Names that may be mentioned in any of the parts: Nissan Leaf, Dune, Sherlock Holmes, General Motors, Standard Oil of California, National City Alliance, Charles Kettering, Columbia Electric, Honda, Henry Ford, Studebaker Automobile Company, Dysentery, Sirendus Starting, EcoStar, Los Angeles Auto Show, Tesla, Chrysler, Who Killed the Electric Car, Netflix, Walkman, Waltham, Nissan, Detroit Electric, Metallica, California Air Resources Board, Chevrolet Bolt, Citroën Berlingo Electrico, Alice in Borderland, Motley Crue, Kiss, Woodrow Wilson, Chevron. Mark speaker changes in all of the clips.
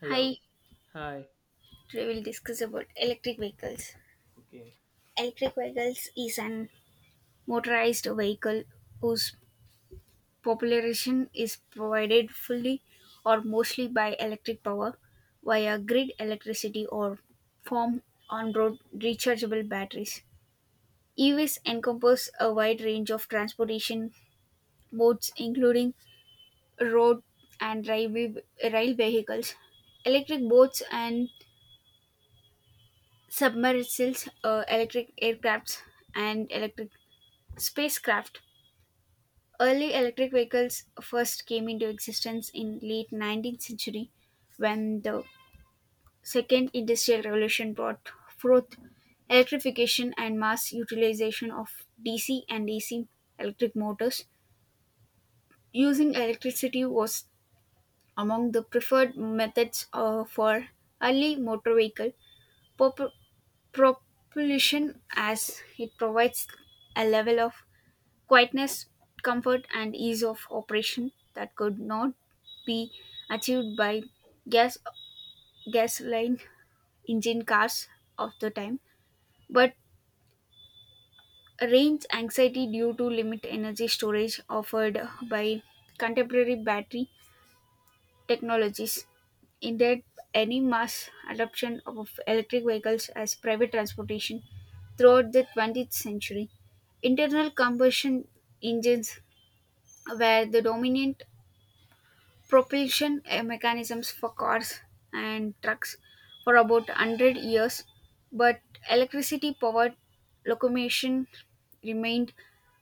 Speaker 1: Hello.
Speaker 2: Hi,
Speaker 1: Hi.
Speaker 2: today we'll discuss about electric vehicles.
Speaker 1: Okay.
Speaker 2: Electric vehicles is an motorized vehicle whose population is provided fully or mostly by electric power via grid electricity or form on-road rechargeable batteries. EVs encompass a wide range of transportation modes including road and railway, rail vehicles, electric boats and submersibles, electric aircrafts, and electric spacecraft. Early electric vehicles first came into existence in late 19th century when the second industrial revolution brought forth electrification and mass utilization of DC and AC electric motors. Using electricity was among the preferred methods for early motor vehicle. Pop- propulsion as it provides a level of quietness, comfort, and ease of operation that could not be achieved by gas gasoline engine cars of the time. But range anxiety due to limit energy storage offered by contemporary battery technologies. Indeed, any mass adoption of electric vehicles as private transportation throughout the 20th century, internal combustion engines were the dominant propulsion mechanisms for cars and trucks for about 100 years, but electricity powered locomotion remained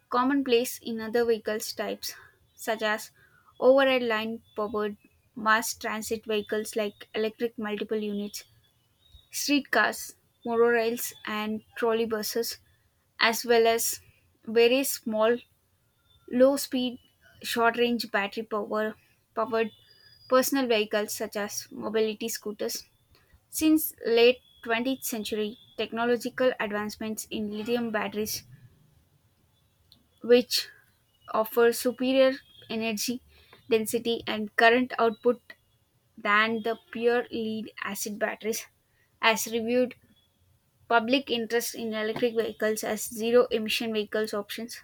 Speaker 2: commonplace in other vehicles types such as overhead line powered mass transit vehicles like electric multiple units streetcars monorails and trolleybuses as well as very small low speed short range battery powered personal vehicles such as mobility scooters since late 20th century technological advancements in lithium batteries which offer superior energy density and current output than the pure lead acid batteries as reviewed public interest in electric vehicles as zero emission vehicles options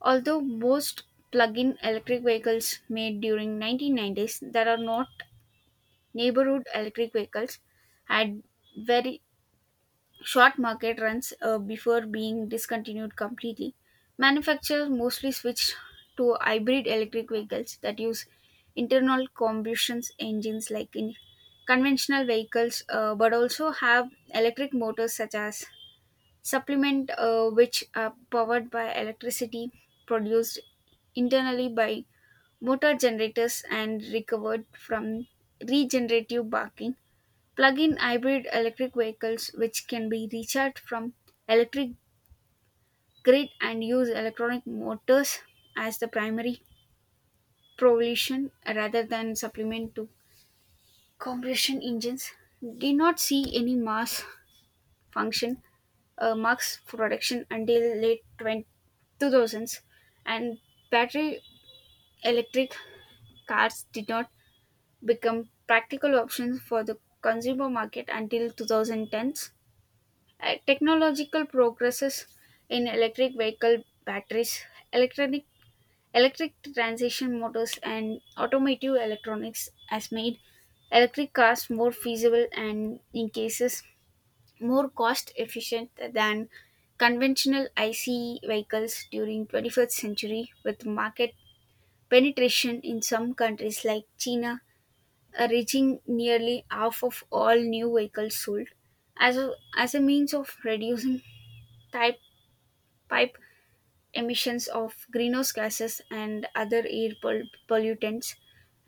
Speaker 2: although most plug-in electric vehicles made during 1990s there are not neighborhood electric vehicles had very short market runs before being discontinued completely. Manufacturers mostly switched to hybrid electric vehicles that use internal combustion engines like in conventional vehicles, but also have electric motors such as supplement, which are powered by electricity produced internally by motor generators and recovered from regenerative braking. Plug-in hybrid electric vehicles which can be recharged from electric grid and use electronic motors as the primary propulsion rather than supplement to combustion engines did not see any mass function max production until late 2000s, and battery electric cars did not become practical options for the consumer market until 2010s. Technological progresses in electric vehicle batteries, electronic electric transition motors, and automotive electronics has made electric cars more feasible and, in cases, more cost efficient than conventional ICE vehicles during 21st century, with market penetration in some countries like China reaching nearly half of all new vehicles sold as a, as a means of reducing type pipe emissions of greenhouse gases and other air pollutants.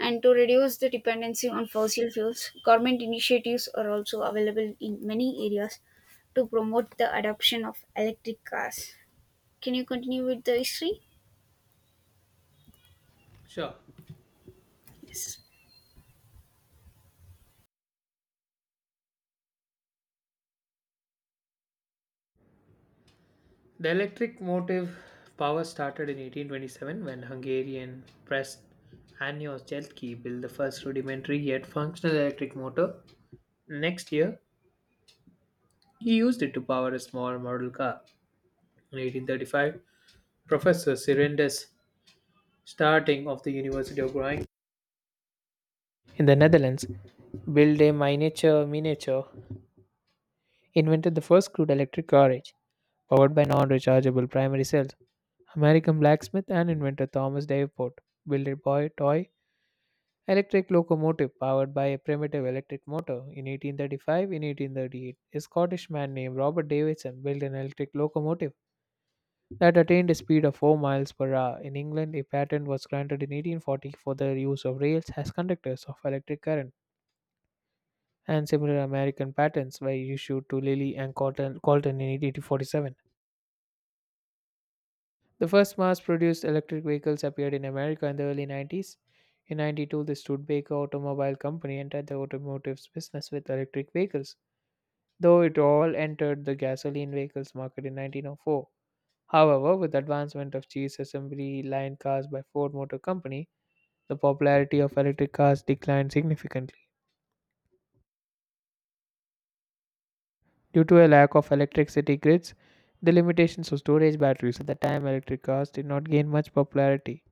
Speaker 2: And to reduce the dependency on fossil fuels, government initiatives are also available in many areas to promote the adoption of electric cars. Can you continue with the history?
Speaker 1: Sure.
Speaker 2: Yes.
Speaker 1: The electric motive power started in 1827 when Hungarian press Anios Jeltki built the first rudimentary yet functional electric motor. Next year, he used it to power a small model car. In 1835, Professor Sirendus Starting of the University of Groningen in the Netherlands built a miniature miniature invented the first crude electric carriage, powered by non rechargeable primary cells. American blacksmith and inventor Thomas Davenport built a boy toy electric locomotive powered by a primitive electric motor. In 1838, a Scottish man named Robert Davidson built an electric locomotive that attained a speed of 4 miles per hour. In England, a patent was granted in 1840 for the use of rails as conductors of electric current, and similar American patents were issued to Lilly and Colton in 1847. The first mass produced electric vehicles appeared in America in the early 90s. In 92, the Studebaker Automobile Company entered the automotive business with electric vehicles, though it all entered the gasoline vehicles market in 1904. However, with the advancement of cheese assembly line cars by Ford Motor Company, the popularity of electric cars declined significantly. Due to a lack of electric city grids, the limitations of storage batteries at the time electric cars did not gain much popularity.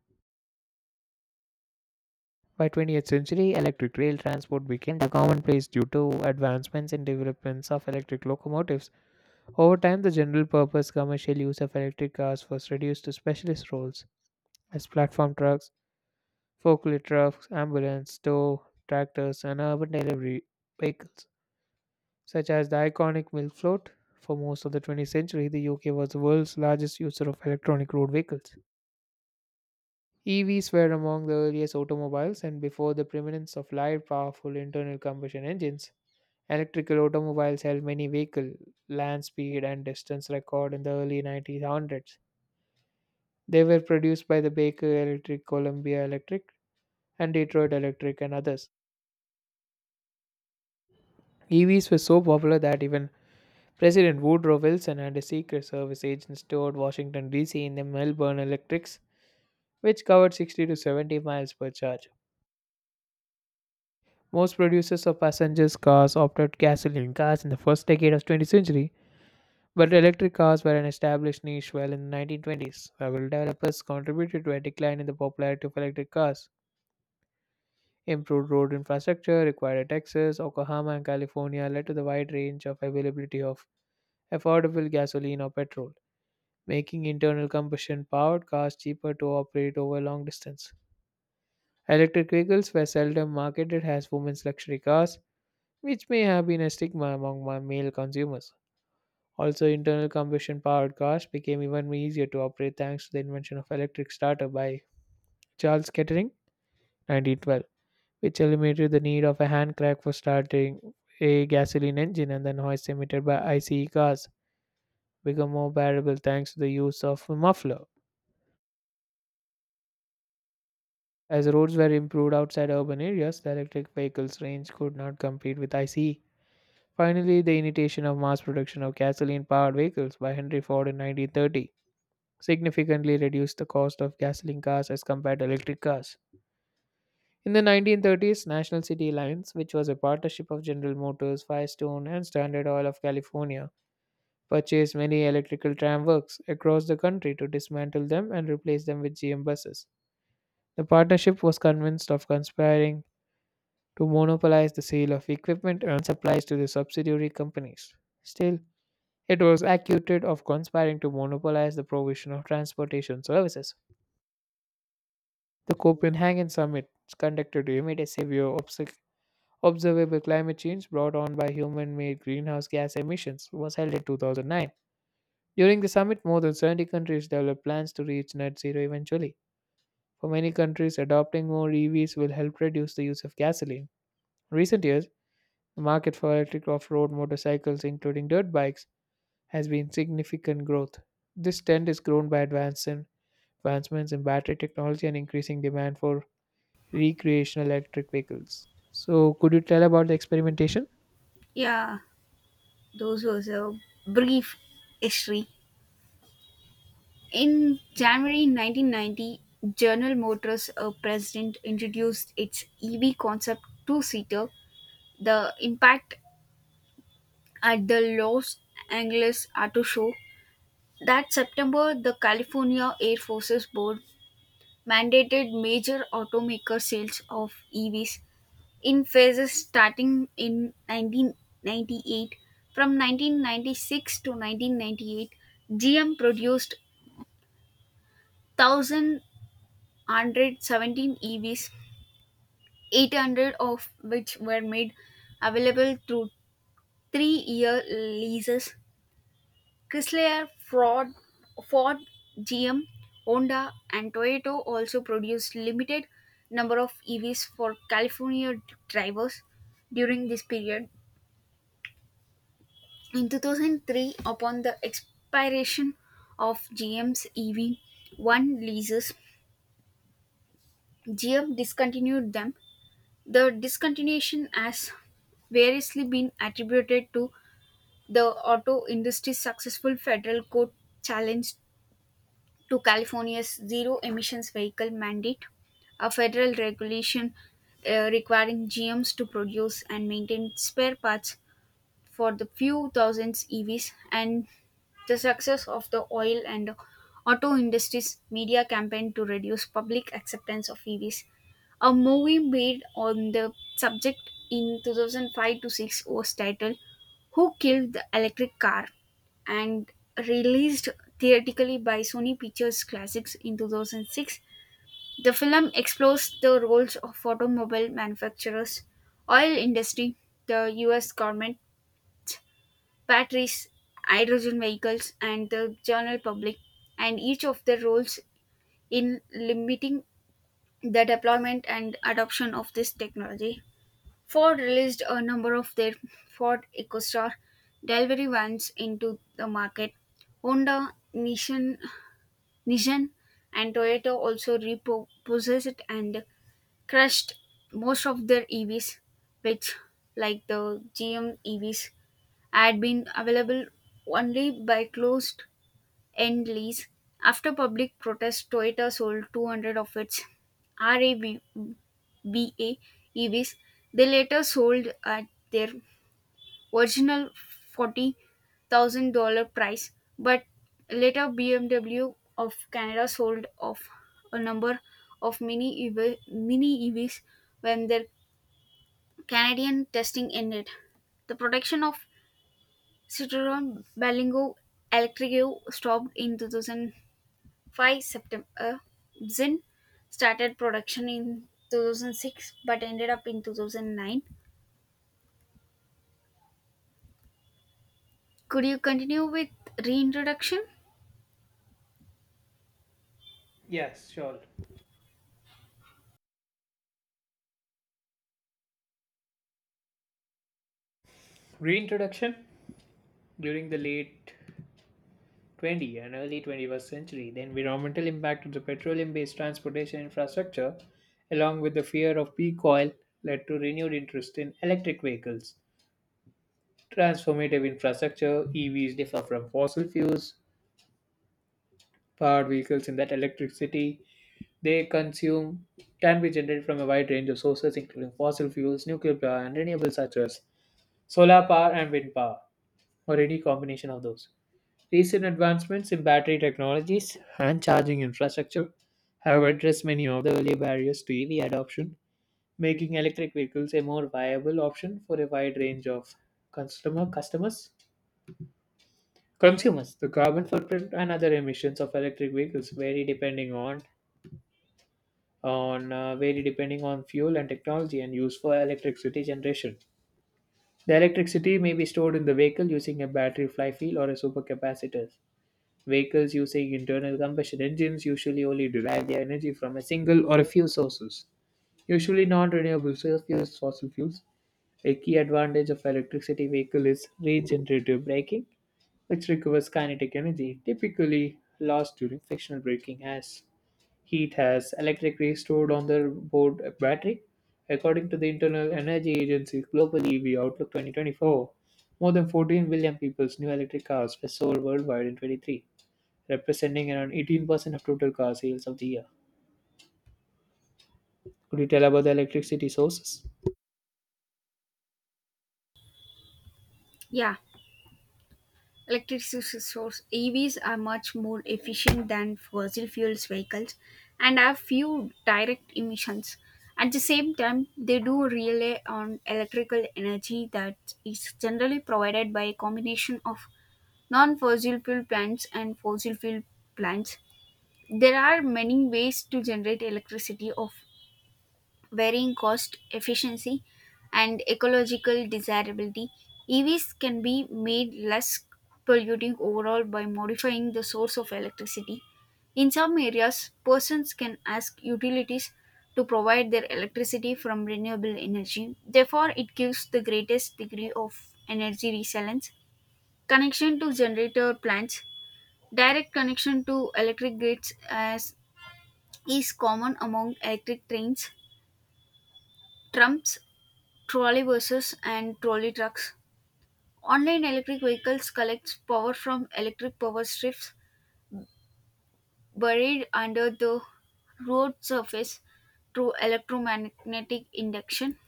Speaker 1: By 20th century, electric rail transport became the commonplace due to advancements in developments of electric locomotives. Over time, the general purpose commercial use of electric cars was reduced to specialist roles as platform trucks, forklift trucks, ambulance, tow, tractors, and urban delivery vehicles, such as the iconic milk float. For most of the 20th century, the UK was the world's largest user of electronic road vehicles. EVs were among the earliest automobiles and before the preeminence of light, powerful internal combustion engines. Electrical automobiles held many vehicle, land speed, and distance record in the early 1900s. They were produced by the Baker Electric, Columbia Electric, and Detroit Electric, and others. EVs were so popular that even President Woodrow Wilson and his Secret Service agents toured Washington, D.C. in the Melbourne Electrics, which covered 60 to 70 miles per charge. Most producers of passenger cars opted gasoline cars in the first decade of 20th century. But electric cars were an established niche well in the 1920s. Several developers contributed to a decline in the popularity of electric cars. Improved road infrastructure required at Texas, Oklahoma, and California led to the wide range of availability of affordable gasoline or petrol, making internal combustion powered cars cheaper to operate over long distance. Electric vehicles were seldom marketed as women's luxury cars, which may have been a stigma among male consumers. Also, internal combustion powered cars became even easier to operate thanks to the invention of electric starter by Charles Kettering, 1912, which eliminated the need of a hand crank for starting a gasoline engine and the noise emitted by ICE cars became more bearable thanks to the use of a muffler. As roads were improved outside urban areas, the electric vehicle's range could not compete with ICE. Finally, the initiation of mass production of gasoline powered vehicles by Henry Ford in 1930 significantly reduced the cost of gasoline cars as compared to electric cars. In the 1930s, National City Alliance, which was a partnership of General Motors, Firestone, and Standard Oil of California, purchased many electrical tram works across the country to dismantle them and replace them with GM buses. The partnership was convinced of conspiring to monopolize the sale of equipment and supplies to the subsidiary companies. Still, it was accused of conspiring to monopolize the provision of transportation services. The Copenhagen Summit conducted to imitate severe observable climate change brought on by human-made greenhouse gas emissions was held in 2009. During the summit, more than 70 countries developed plans to reach net zero eventually. For many countries, adopting more EVs will help reduce the use of gasoline. In recent years, the market for electric off-road motorcycles, including dirt bikes, has been significant growth. This trend is grown by advancements in battery technology and increasing demand for recreational electric vehicles. So, could you tell about the experimentation?
Speaker 2: Yeah, those was a brief history. In
Speaker 1: Yeah.
Speaker 2: January 1990, General Motors president introduced its EV concept two-seater. The impact at the Los Angeles Auto Show. That September, the California Air Forces Board mandated major automaker sales of EVs in phases starting in 1998. From 1996 to 1998, GM produced 1,117 EVs, 800 of which were made available through 3-year leases. Chrysler, Ford, GM, Honda, and Toyota also produced limited number of EVs for California drivers during this period. In 2003, upon the expiration of GM's EV1 leases, GM discontinued them. The discontinuation has variously been attributed to the auto industry's successful federal court challenge to California's zero emissions vehicle mandate, a federal regulation requiring GMs to produce and maintain spare parts for the few thousands EVs, and the success of the oil and auto industry's media campaign to reduce public acceptance of EVs. A movie made on the subject in 2005 to 6 was titled Who Killed the Electric Car, and released theatrically by Sony Pictures Classics in 2006. The film explores the roles of automobile manufacturers, oil industry, the US government, batteries, hydrogen vehicles and the general public, and each of their roles in limiting the deployment and adoption of this technology. Ford released a number of their Ford EcoStar delivery vans into the market. Honda, Nissan, and Toyota also repossessed and crushed most of their EVs, which, like the GM EVs, had been available only by closed end lease. After public protest, Toyota sold 200 of its RAV8 EVs. They later sold at their original $40,000 price, but later BMW of Canada sold off a number of mini EVs when their Canadian testing ended. The production of Citroën Berlingo Electrico stopped in 2000 September 5. Zinn started production in 2006 but ended up in 2009. Could you continue with reintroduction?
Speaker 1: Yes, sure. Reintroduction during the late 20th and early 21st century, the environmental impact of the petroleum based transportation infrastructure, along with the fear of peak oil, led to renewed interest in electric vehicles. Transformative infrastructure, EVs differ from fossil fuels powered vehicles in that electricity they consume can be generated from a wide range of sources, including fossil fuels, nuclear power, and renewables such as solar power and wind power, or any combination of those. Recent advancements in battery technologies and charging infrastructure have addressed many of the early barriers to EV adoption, making electric vehicles a more viable option for a wide range of customers. Consumers, the carbon footprint and other emissions of electric vehicles vary depending on vary depending on fuel and technology and used for electricity generation. The electricity may be stored in the vehicle using a battery flywheel or a supercapacitor. Vehicles using internal combustion engines usually only derive their energy from a single or a few sources, usually non-renewable source fuels, fossil fuels. A key advantage of electricity vehicle is regenerative braking, which recovers kinetic energy typically lost during frictional braking as heat has electrically stored on the board battery. According to the Internal Energy Agency's Global EV Outlook 2024, more than 14 billion people's new electric cars were sold worldwide in 23, representing around 18% of total car sales of the year. Could you tell about the electricity sources?
Speaker 2: Yeah, electricity source EVs are much more efficient than fossil fuels vehicles and have few direct emissions. At the same time, they do rely on electrical energy that is generally provided by a combination of non-fossil fuel plants and fossil fuel plants. There are many ways to generate electricity of varying cost efficiency and ecological desirability. EVs can be made less polluting overall by modifying the source of electricity. In some areas, persons can ask utilities to provide their electricity from renewable energy. Therefore, it gives the greatest degree of energy resilience. Connection to generator plants, direct connection to electric grids as is common among electric trains, trams, trolleybuses, and trolley trucks. Online electric vehicles collect power from electric power strips buried under the road surface through electromagnetic induction,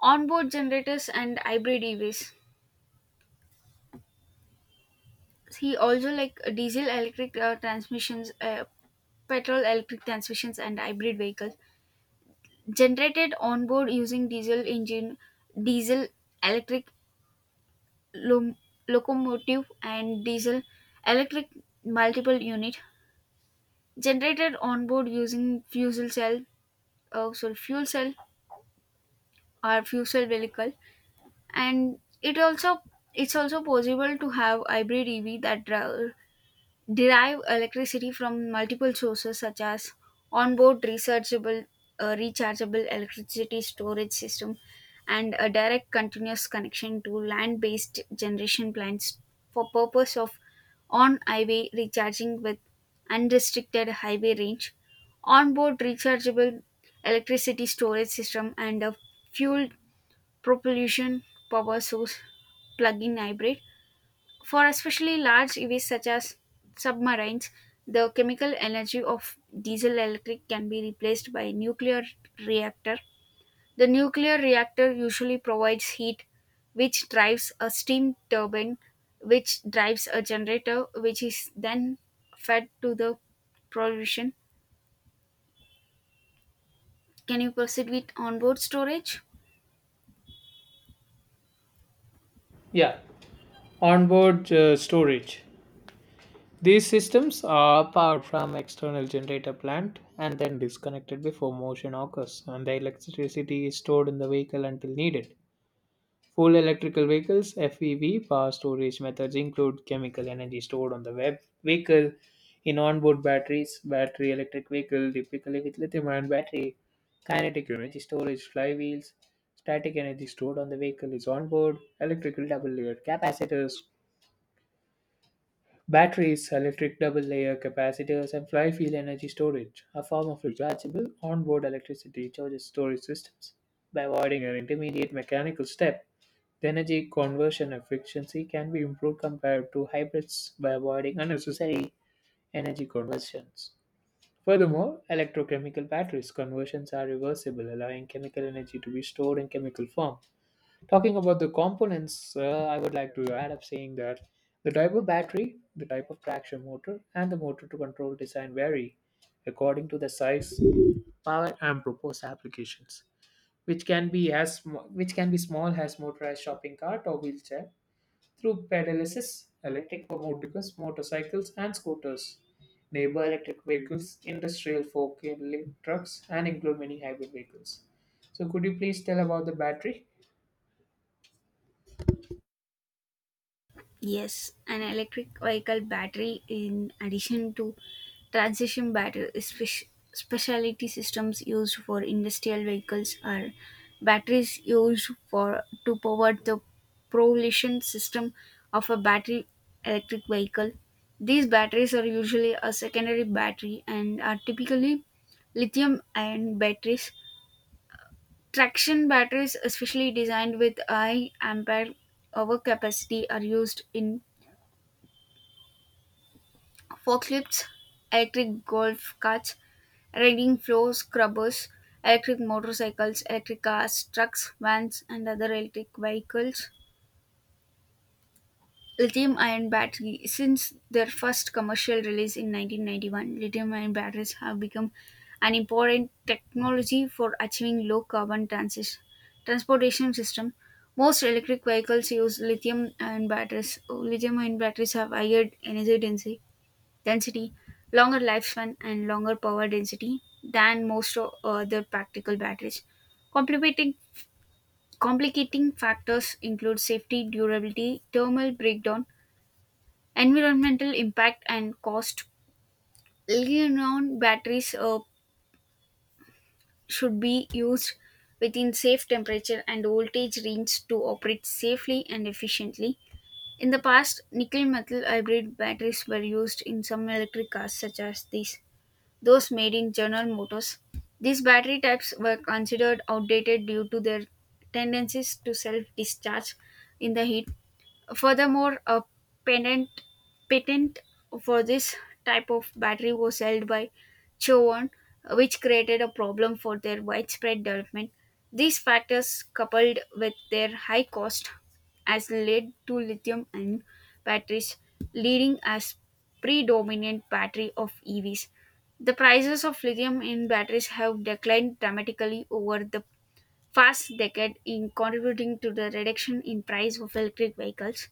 Speaker 2: onboard generators, and hybrid EVs. He also like diesel electric transmissions, petrol electric transmissions, and hybrid vehicles generated onboard using diesel engine, diesel electric lom- locomotive and diesel electric multiple unit generated on board using fuel cell or fuel cell vehicle, and it's also possible to have hybrid ev that derive electricity from multiple sources such as onboard rechargeable electricity storage system and a direct continuous connection to land-based generation plants for purpose of on-highway recharging with unrestricted highway range, onboard rechargeable electricity storage system and a fuel propulsion power source plug-in hybrid. For especially large EVs such as submarines, the chemical energy of diesel electric can be replaced by nuclear reactor. The nuclear reactor usually provides heat which drives a steam turbine which drives a generator which is then fed to the propulsion. Can you proceed with onboard storage?
Speaker 1: Yeah, onboard storage. These systems are powered from external generator plant and then disconnected before motion occurs, and the electricity is stored in the vehicle until needed. Full electrical vehicles (FEV) power storage methods include chemical energy stored on the web vehicle in onboard batteries, battery electric vehicle typically with lithium-ion battery, kinetic energy storage flywheels, static energy stored on the vehicle is onboard, electrical double-layer capacitors, batteries, electric double-layer capacitors, and flywheel energy storage, a form of rechargeable onboard electricity charges storage systems by avoiding an intermediate mechanical step. The energy conversion efficiency can be improved compared to hybrids by avoiding unnecessary energy conversions. Furthermore, electrochemical batteries conversions are reversible, allowing chemical energy to be stored in chemical form. Talking about the components, I would like to add up saying that the type of battery, the type of traction motor, and the motor to control design vary according to the size, power, and proposed applications, which can be which can be small as motorized shopping cart or wheelchair through pedalysis, electric motorcycles, motorcycles and scooters, neighbor electric vehicles, industrial forklift trucks, and include many hybrid vehicles. So, could you please tell about the battery?
Speaker 2: Yes, an electric vehicle battery in addition to transition battery, specialty systems used for industrial vehicles are batteries used for to power the propulsion system of a battery electric vehicle. These batteries are usually a secondary battery and are typically lithium ion batteries. Traction batteries, especially designed with high ampere hour capacity, are used in forklifts, electric golf carts, riding floor scrubbers, electric motorcycles, electric cars, trucks, vans, and other electric vehicles. Lithium ion battery. Since their first commercial release in 1991, lithium ion batteries have become an important technology for achieving low carbon transportation system. Most electric vehicles use lithium ion batteries. Lithium ion batteries have higher energy density, longer lifespan, and longer power density than most other practical batteries. Complicating, complicating factors include safety, durability, thermal breakdown, environmental impact, and cost. Lithium-ion batteries should be used within safe temperature and voltage range to operate safely and efficiently. In the past, nickel metal hybrid batteries were used in some electric cars, such as these. Those made in General Motors. These battery types were considered outdated due to their tendencies to self discharge in the heat. Furthermore, a patent patent for this type of battery was held by Chevron, which created a problem for their widespread development. These factors, coupled with their high cost, has led to lithium ion batteries leading as predominant battery of EVs. The prices of lithium ion batteries have declined dramatically over the past decade in contributing to the reduction in price of electric vehicles,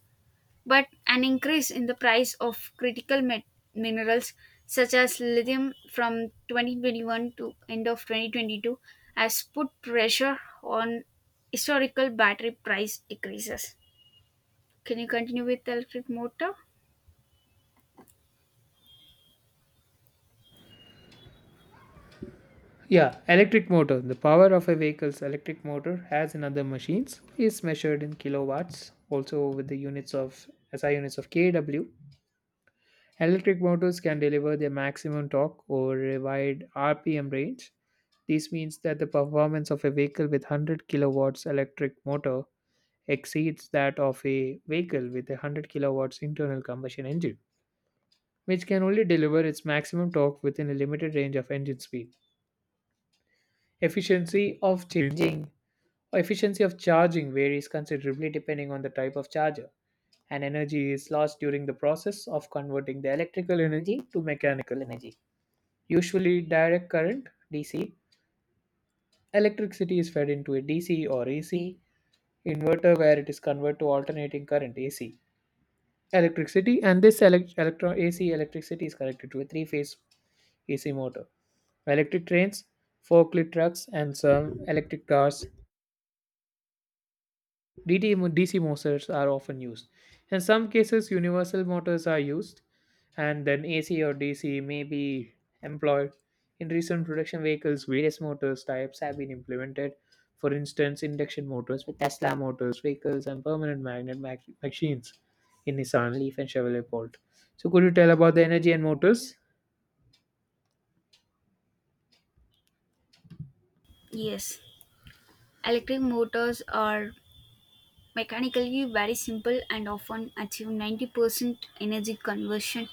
Speaker 2: but an increase in the price of critical minerals such as lithium from 2021 to end of 2022 has put pressure on historical battery price decreases. Can you continue with electric motor?
Speaker 1: Yeah, electric motor. The power of a vehicle's electric motor, as in other machines, is measured in kilowatts, also with the units of SI units of kW. Electric motors can deliver their maximum torque over a wide RPM range. This means that the performance of a vehicle with 100 kilowatts electric motor exceeds that of a vehicle with a 100 kilowatts internal combustion engine, which can only deliver its maximum torque within a limited range of engine speed. Efficiency of changing Efficiency of charging varies considerably depending on the type of charger, and energy is lost during the process of converting the electrical energy to mechanical energy. Usually direct current DC. Electricity is fed into a DC or AC inverter where it is converted to alternating current AC. Electricity and this AC electricity is connected to a three phase AC motor. Electric trains, forklift trucks, and some electric cars DC motors are often used. In some cases, universal motors are used, and then AC or DC may be employed. In recent production vehicles, various motors types have been implemented. For instance, induction motors with Tesla motors vehicles and permanent magnet machines in Nissan Leaf and Chevrolet Bolt. So, could you tell about the energy and motors?
Speaker 2: Yes. Electric motors are mechanically very simple and often achieve 90% energy conversion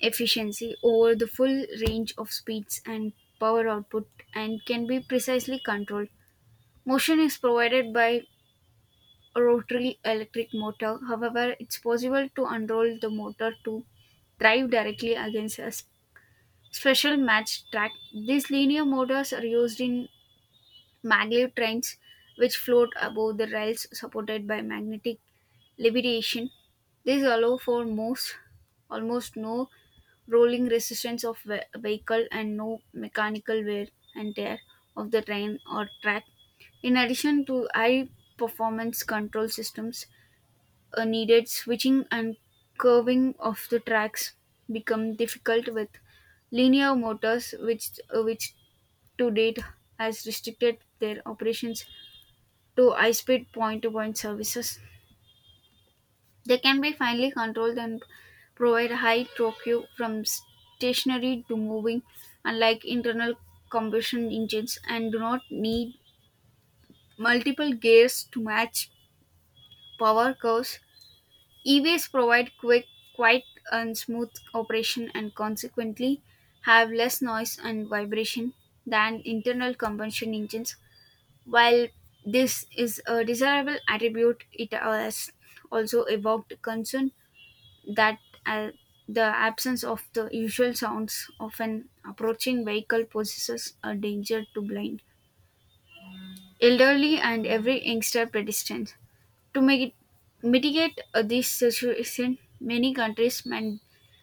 Speaker 2: efficiency over the full range of speeds and power output, and can be precisely controlled. Motion is provided by a rotary electric motor, however, it's possible to unroll the motor to drive directly against a special match track. These linear motors are used in maglev trains which float above the rails supported by magnetic levitation. These allow for almost no rolling resistance of vehicle and no mechanical wear and tear of the train or track. In addition to high performance control systems needed, switching and curving of the tracks become difficult with linear motors which to date has restricted their operations to high speed point to point services. They can be finely controlled and provide high torque from stationary to moving, unlike internal combustion engines, and do not need multiple gears to match power curves. EVs provide quick, quiet, and smooth operation and consequently have less noise and vibration than internal combustion engines. While this is a desirable attribute, it has also evoked concern that uh, the absence of the usual sounds of an approaching vehicle poses a danger to blind, elderly, and every youngster pedestrian. To mitigate this situation, many countries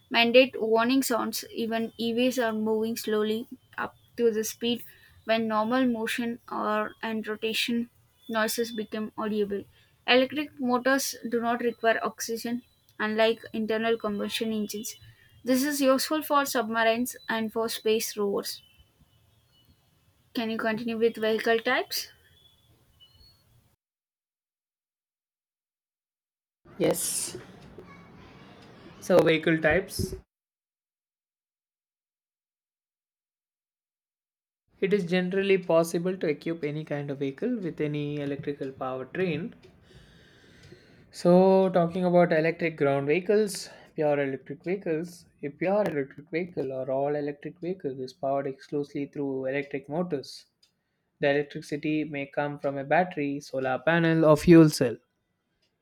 Speaker 2: mandate warning sounds. Even EVs are moving slowly up to the speed when normal motion or and rotation noises become audible. Electric motors do not require oxygen, unlike internal combustion engines. This is useful for submarines and for space rovers. Can you continue with vehicle types?
Speaker 1: Yes. So, vehicle types. It is generally possible to equip any kind of vehicle with any electrical powertrain. So, talking about electric ground vehicles, pure electric vehicles, a pure electric vehicle or all electric vehicle is powered exclusively through electric motors. The electricity may come from a battery, solar panel, or fuel cell.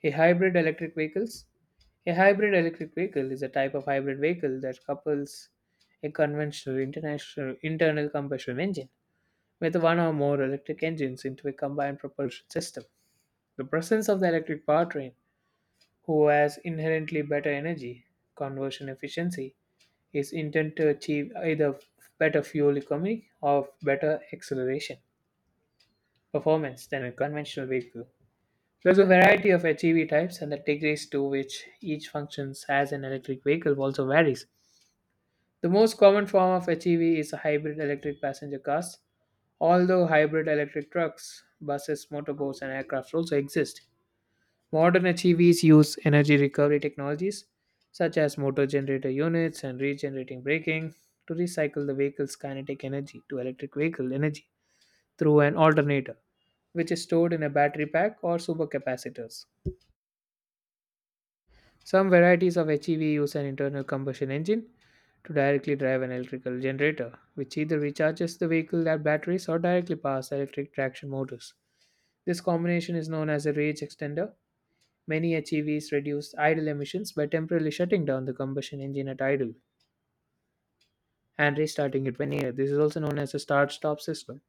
Speaker 1: A hybrid electric vehicles. A hybrid electric vehicle is a type of hybrid vehicle that couples a conventional international internal combustion engine with one or more electric engines into a combined propulsion system. The presence of the electric powertrain who has inherently better energy conversion efficiency is intent to achieve either better fuel economy or better acceleration performance than a conventional vehicle. There's a variety of HEV types, and the degrees to which each functions as an electric vehicle also varies. The most common form of HEV is hybrid electric passenger cars, although hybrid electric trucks, buses, motorboats, and aircraft also exist. Modern HEVs use energy recovery technologies such as motor generator units and regenerating braking to recycle the vehicle's kinetic energy to electric vehicle energy through an alternator, which is stored in a battery pack or supercapacitors. Some varieties of HEV use an internal combustion engine to directly drive an electrical generator, which either recharges the vehicle at batteries or directly powers electric traction motors. This combination is known as a range extender. Many HEVs reduced idle emissions by temporarily shutting down the combustion engine at idle and restarting it when needed. This is also known as a start stop system.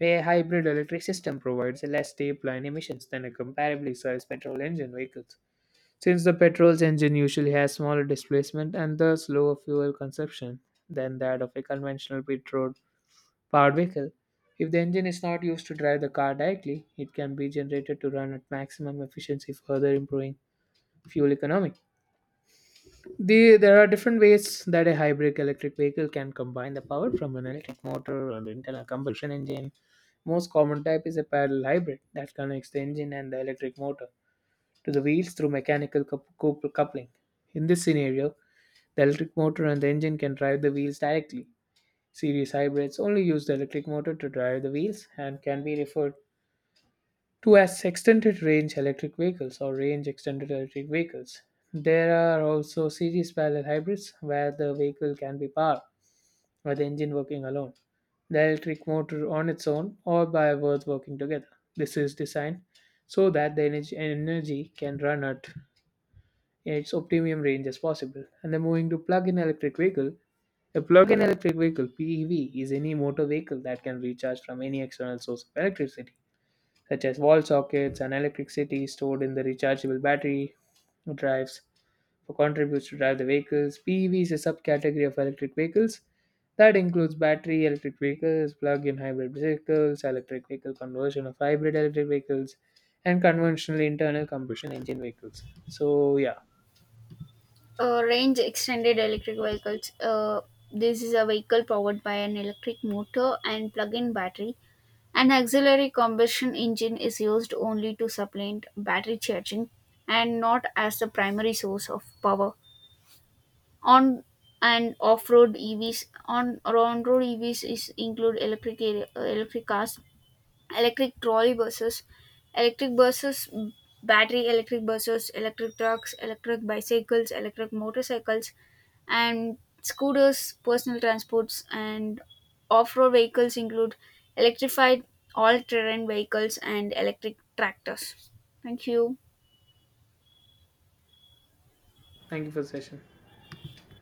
Speaker 1: A hybrid electric system provides less tailpipe emissions than a comparably sized petrol engine vehicles. Since the petrol engine usually has smaller displacement and thus lower fuel consumption than that of a conventional petrol powered vehicle, if the engine is not used to drive the car directly, it can be generated to run at maximum efficiency, further improving fuel economy. There are different ways that a hybrid electric vehicle can combine the power from an electric motor or the internal combustion engine. Most common type is a parallel hybrid that connects the engine and the electric motor to the wheels through mechanical coupling. In this scenario, the electric motor and the engine can drive the wheels directly. Series hybrids only use the electric motor to drive the wheels and can be referred to as extended range electric vehicles or range extended electric vehicles. There are also series parallel hybrids where the vehicle can be powered by the engine working alone, the electric motor on its own, or by both working together. This is designed so that energy can run at its optimum range as possible. And then moving to plug-in electric vehicle, a plug-in electric vehicle (PEV) is any motor vehicle that can recharge from any external source of electricity such as wall sockets and electricity stored in the rechargeable battery drives for contributes to drive the vehicles. PEV is a subcategory of electric vehicles that includes battery electric vehicles, plug-in hybrid vehicles, electric vehicle conversion of hybrid electric vehicles, and conventional internal combustion engine vehicles. So yeah,
Speaker 2: Range extended electric vehicles. This is a vehicle powered by an electric motor and plug-in battery. An auxiliary combustion engine is used only to supplement battery charging and not as the primary source of power. On and off-road EVs: on on-road EVs is include electric cars, electric trolley buses, electric buses, battery electric buses, electric trucks, electric bicycles, electric motorcycles, and scooters, personal transports, and off road vehicles include electrified all terrain vehicles and electric tractors. Thank you.
Speaker 1: thank you for the session.